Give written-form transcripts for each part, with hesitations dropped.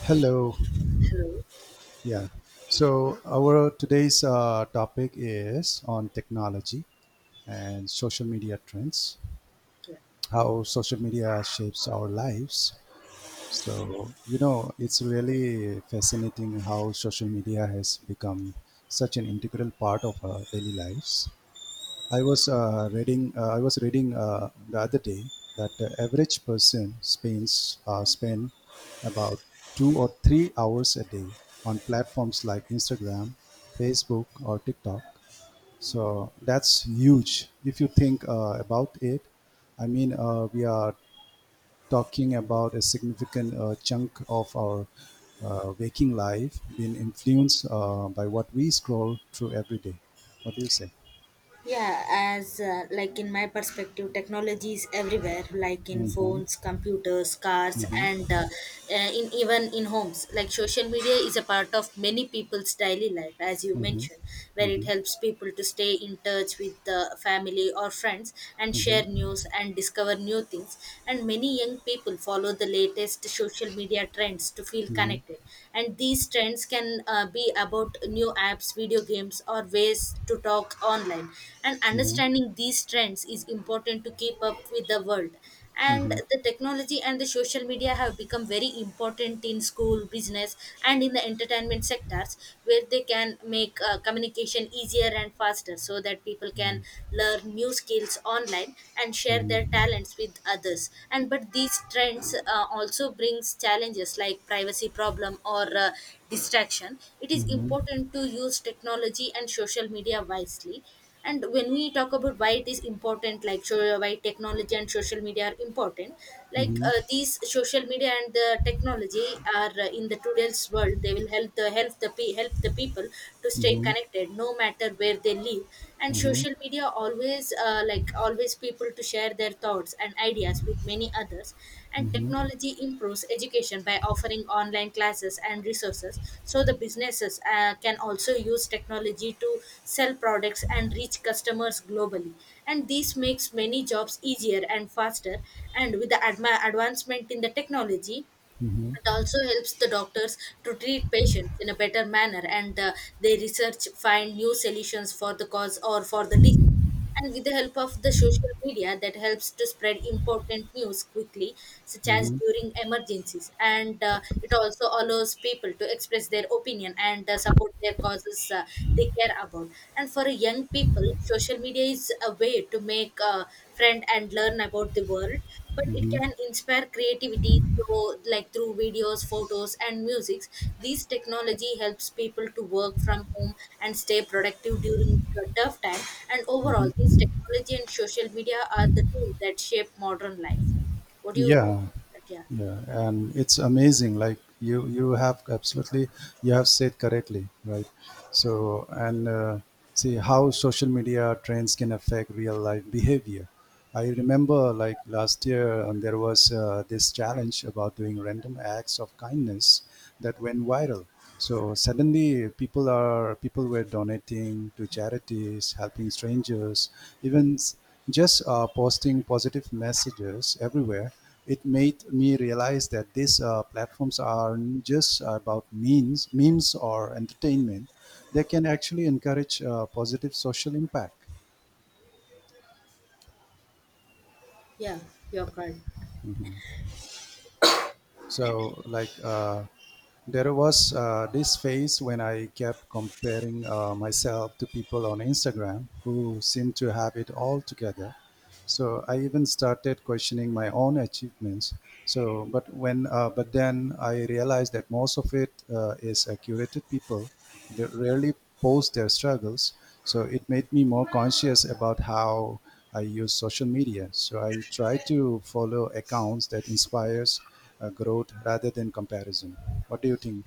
Hello. Hello. Yeah. So our today's topic is on technology and social media trends, Yeah. how social media shapes our lives. So, you know, it's really fascinating how social media has become such an integral part of our daily lives. I was reading the other day that the average person spends spend about 2 or 3 hours a day on platforms like Instagram, Facebook, or TikTok. So that's huge. If you think about it, I mean, we are talking about a significant chunk of our waking life being influenced by what we scroll through every day. What do you say? Yeah, as like in my perspective, technology is everywhere, like in Mm-hmm. phones, computers, cars, Mm-hmm. and in even in homes. Like social media is a part of many people's daily life, as you Mhm, mentioned, where it mhm, helps people to stay in touch with the family or friends, and share news and discover new things. And many young people follow the latest social media trends to feel mhm, connected, and these trends can be about new apps, video games, or ways to talk online, and mhm, understanding these trends is important to keep up with the world. And mhm, the technology and the social media have become very important in school, business, and in the entertainment sectors, where they can make communication easier and faster so that people can learn new skills online and share their talents with others. And but these trends also brings challenges like privacy problem or distraction. It is mhm, important to use technology and social media wisely. And when we talk about why it is important, like why technology and social media are important, like mhm, these social media and the technology are in the today's world, they will help the people to stay mhm, connected no matter where they live. And social media always like always people to share their thoughts and ideas with many others. And technology improves education by offering online classes and resources. So the businesses can also use technology to sell products and reach customers globally, and this makes many jobs easier and faster. And with the advancement in the technology, it also helps the doctors to treat patients in a better manner, and they research, find new solutions for the cause or for the disease. And with the help of the social media, that helps to spread important news quickly, such as mhm. during emergencies. And it also allows people to express their opinion and support their causes they care about. And for young people, social media is a way to make a friend and learn about the world, but it can inspire creativity through, like through videos, photos, and musics. These technology helps people to work from home and stay productive during the tough time. And overall, these technology and social media are the tools that shape modern life. What do you Yeah, that? Yeah. yeah, and it's amazing. Like you have absolutely, you have said correctly, right? So, and see how social media trends can affect real life behavior. I remember, like last year, there was this challenge about doing random acts of kindness that went viral. So suddenly, people were donating to charities, helping strangers, even s- just posting positive messages everywhere. It made me realize that these platforms aren't just about memes or entertainment. They can actually encourage positive social impact. Yeah, you're correct. Mhm. So, like, uh, There was this phase when I kept comparing myself to people on Instagram who seemed to have it all together. So I even started questioning my own achievements. But then I realized that most of it is curated people. They rarely post their struggles. So it made me more conscious about how I use social media. So I try to follow accounts that inspires growth rather than comparison. What do you think?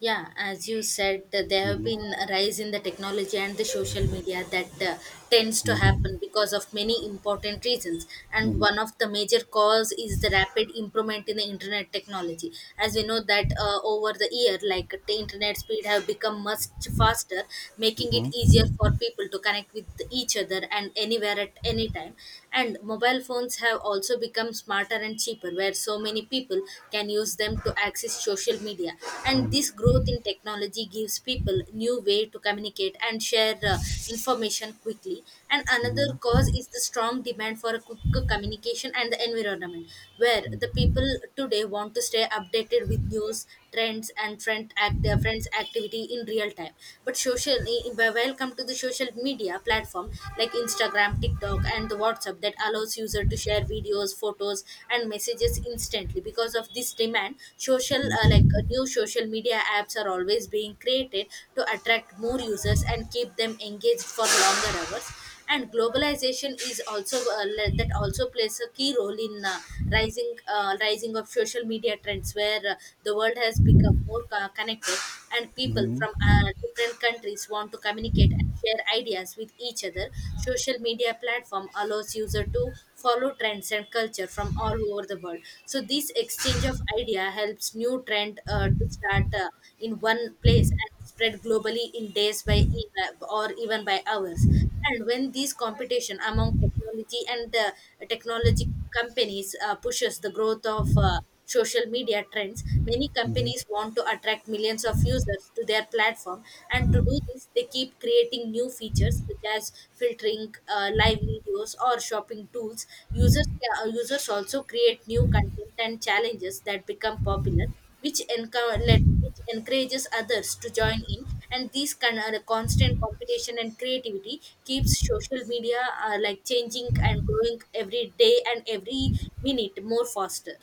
Yeah, as you said, there have been Mm-hmm. a rise in the technology and the social media that tends to happen because of many important reasons. And Mm-hmm. one of the major cause is the rapid improvement in the internet technology, as we know that over the year, like the internet speed have become much faster, making it Mm-hmm. easier for people to connect with each other and anywhere at any time. And mobile phones have also become smarter and cheaper, where so many people can use them to access social media. And Mm-hmm. this growth in technology gives people new way to communicate and share information quickly. And another cause is the strong demand for quick communication and the environment, where the people today want to stay updated with news trends and friends activity in real time. But welcome to the social media platform like Instagram, TikTok, and the WhatsApp, that allows user to share videos, photos, and messages instantly. Because of this demand, social like new social media apps are always being created to attract more users and keep them engaged for longer hours. And globalization is also that also plays a key role in rising of social media trends, where the world has become more connected, and people Mm-hmm. from different countries want to communicate and share ideas with each other. Social media platform allows user to follow trends and culture from all over the world. So this exchange of idea helps new trend to start in one place and spread globally in days or even by hours. And when these competition among technology and technology companies pushes the growth of social media trends, many Mm-hmm. companies want to attract millions of users to their platform, and to do this they keep creating new features such as filtering, live videos, or shopping tools. users users also create new content and challenges that become popular, which, which encourages others to join in. And this kind of constant competition and creativity keeps social media like changing and growing every day and every minute more faster.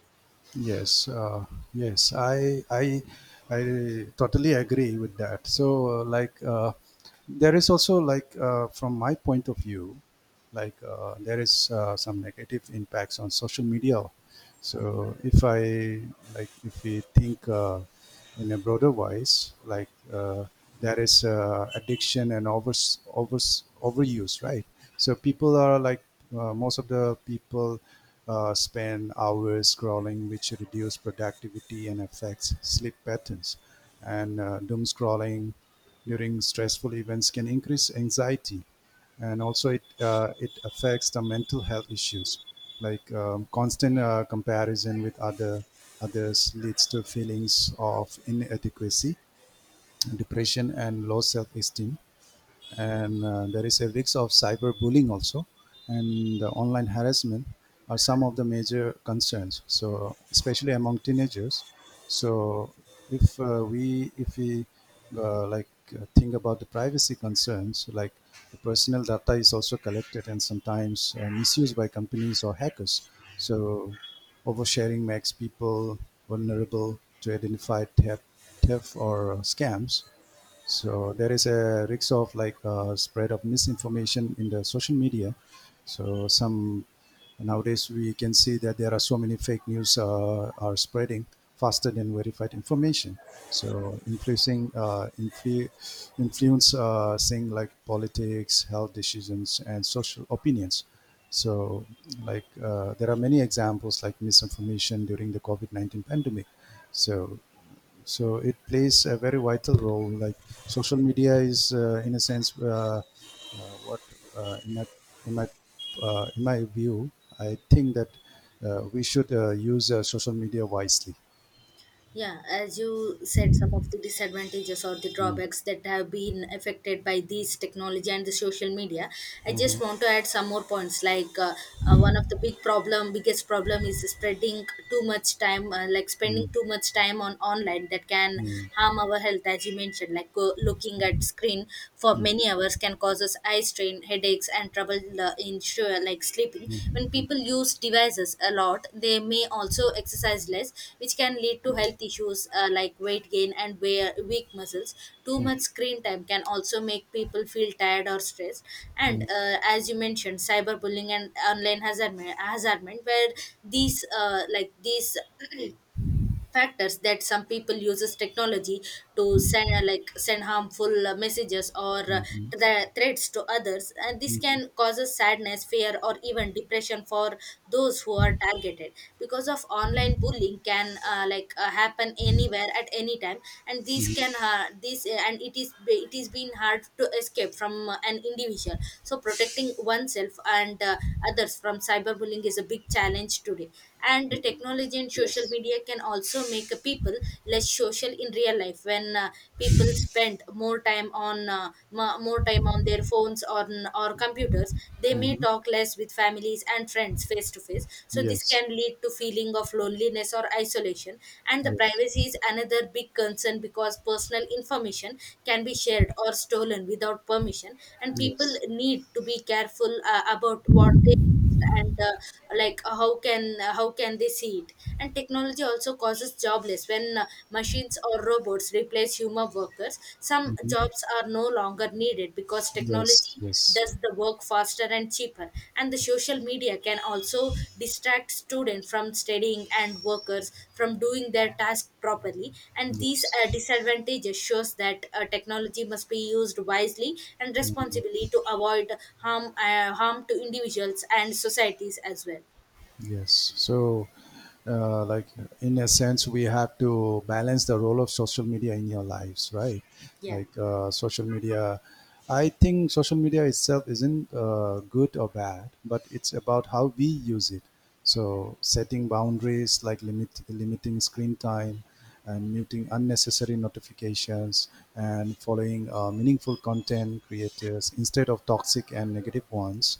Yes, uh, yes, I totally agree with that. There is also from my point of view there is some negative impacts on social media. So if i like if we think in a broader wise, there is addiction and over overuse, right? so people are like Most of the people spend hours scrolling, which reduce productivity and affects sleep patterns. And doom scrolling during stressful events can increase anxiety. And also it affects the mental health issues, like constant comparison with others leads to feelings of inadequacy, depression, and low self-esteem. And there is a risk of cyberbullying also, and the online harassment are some of the major concerns, so especially among teenagers. So if we if we like Think about the privacy concerns, like the personal data is also collected and sometimes misused by companies or hackers. So oversharing makes people vulnerable to theft or scams. So there is a risk of spread of misinformation in the social media. So some Nowadays we can see that there are so many fake news are spreading faster than verified information. So influence thing like politics, health decisions, and social opinions. So there are many examples like misinformation during the COVID 19 pandemic. So so it plays a very vital role. Like social media is, in a sense, what in my in my in my view, I think that we should use social media wisely. Yeah, as you said, some of the disadvantages or the Mm-hmm. drawbacks that have been affected by these technology and the social media. I just want to add some more points. Like one of the biggest problem is spreading too much time, like spending too much time on online that can harm our health, as you mentioned. Like looking at screen for many hours can cause us eye strain, headaches, and trouble like sleeping. When people use devices a lot, they may also exercise less, which can lead to health issues like weight gain and wear weak muscles. Too much screen time can also make people feel tired or stressed. And as you mentioned, cyberbullying and online hazardment, where these like these factors that some people uses technology to send like send harmful messages or the threats to others. And this can causes sadness, fear, or even depression for those who are targeted, because of online bullying can like happen anywhere at any time. And this can this and it is it is been hard to escape from an individual. So protecting oneself and others from cyberbullying is a big challenge today. And technology and social Yes. media can also make people less social in real life. When people spend more time on more time on their phones or computers, they may Hmm. talk less with families and friends face to face, so this Yes. can lead to feeling of loneliness or isolation. And the Yes. privacy is another big concern, because personal information can be shared or stolen without permission, and people Yes. need to be careful about what they, and like how can they see it. And technology also causes jobless when machines or robots replace human workers. Some Hmm. jobs are no longer needed because Yes. technology Yes. does the work faster and cheaper. And the social media can also distract students from studying and workers from doing their task properly. And these Yes. Disadvantages shows that technology must be used wisely and responsibly to avoid harm to individuals and societies as well. Yes. So, uh, like in a sense, we have to balance the role of social media in your lives, right? Yeah. Like uh, social media, I think social media itself isn't good or bad, but it's about how we use it. So, setting boundaries like limiting screen time, and muting unnecessary notifications, and following meaningful content creators instead of toxic and negative ones.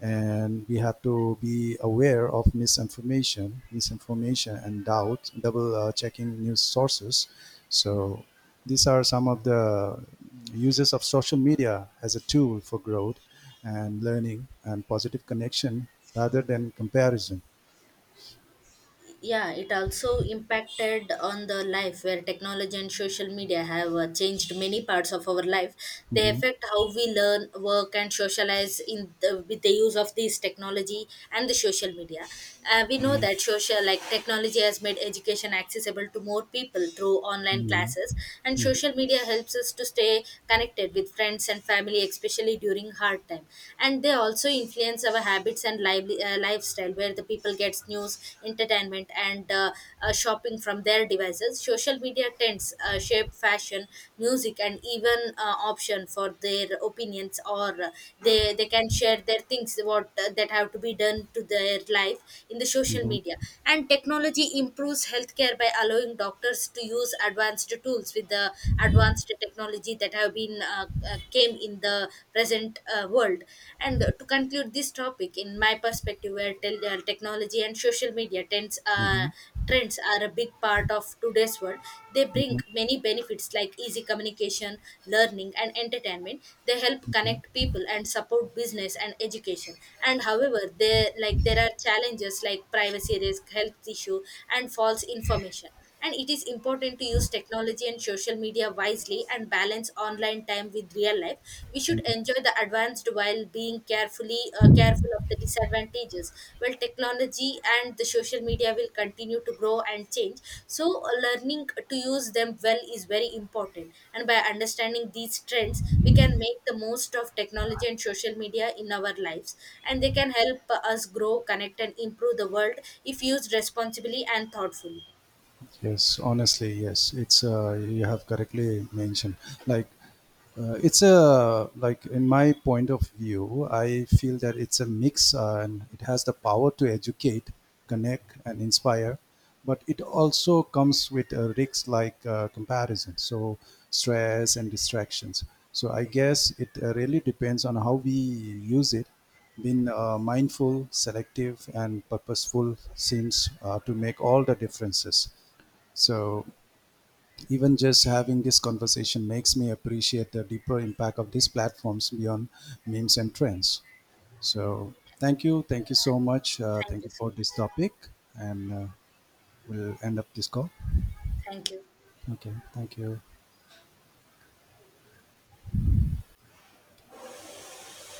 And we have to be aware of misinformation, and double checking news sources. So these are some of the uses of social media as a tool for growth and learning and positive connection rather than comparison. Yeah, it also impacted on the life, where technology and social media have changed many parts of our life. They Mhm, affect how we learn, work, and socialize in the, with the use of these technology and the social media. We know mhm, that social, like technology has made education accessible to more people through online classes, and mhm, social media helps us to stay connected with friends and family, especially during hard time. And they also influence our habits, markets, and lifestyle, where the people gets news, entertainment, and shopping from their devices. Social media trends shape fashion, music, and even option for their opinions, or they can share their things, what that have to be done to their life in the social mhm, media. And technology improves healthcare by allowing doctors to use advanced tools, with the advanced technology that have been came in the present world. And to conclude this topic in my perspective, where technology and social media tends mhm, trends are a big part of today's world. They bring mhm. many benefits like easy communication, learning, and entertainment. They help connect people and support business and education. And however, they like, there are challenges like privacy risk, health issue, and false information. And it is important to use technology and social media wisely and balance online time with real life. We should enjoy the advanced while being careful of the disadvantages. Well, technology and the social media will continue to grow and change, so learning to use them well is very important. And by understanding these trends, we can make the most of technology and social media in our lives, and they can help us grow, connect, and improve the world if used responsibly and thoughtfully. Yes, honestly, yes, it's you have correctly mentioned. Like it's a like In my point of view, I feel that it's a mix, and it has the power to educate, connect, and inspire, but it also comes with risks like comparison, so stress and distractions. So I guess it really depends on how we use it. Being mindful, selective, and purposeful seems to make all the differences. So even just having this conversation makes me appreciate the deeper impact of these platforms beyond memes and trends. So, thank you. Thank you so much. Thank Thank you you so for this much. topic. And We'll end up this call. Thank you. Okay. Thank you.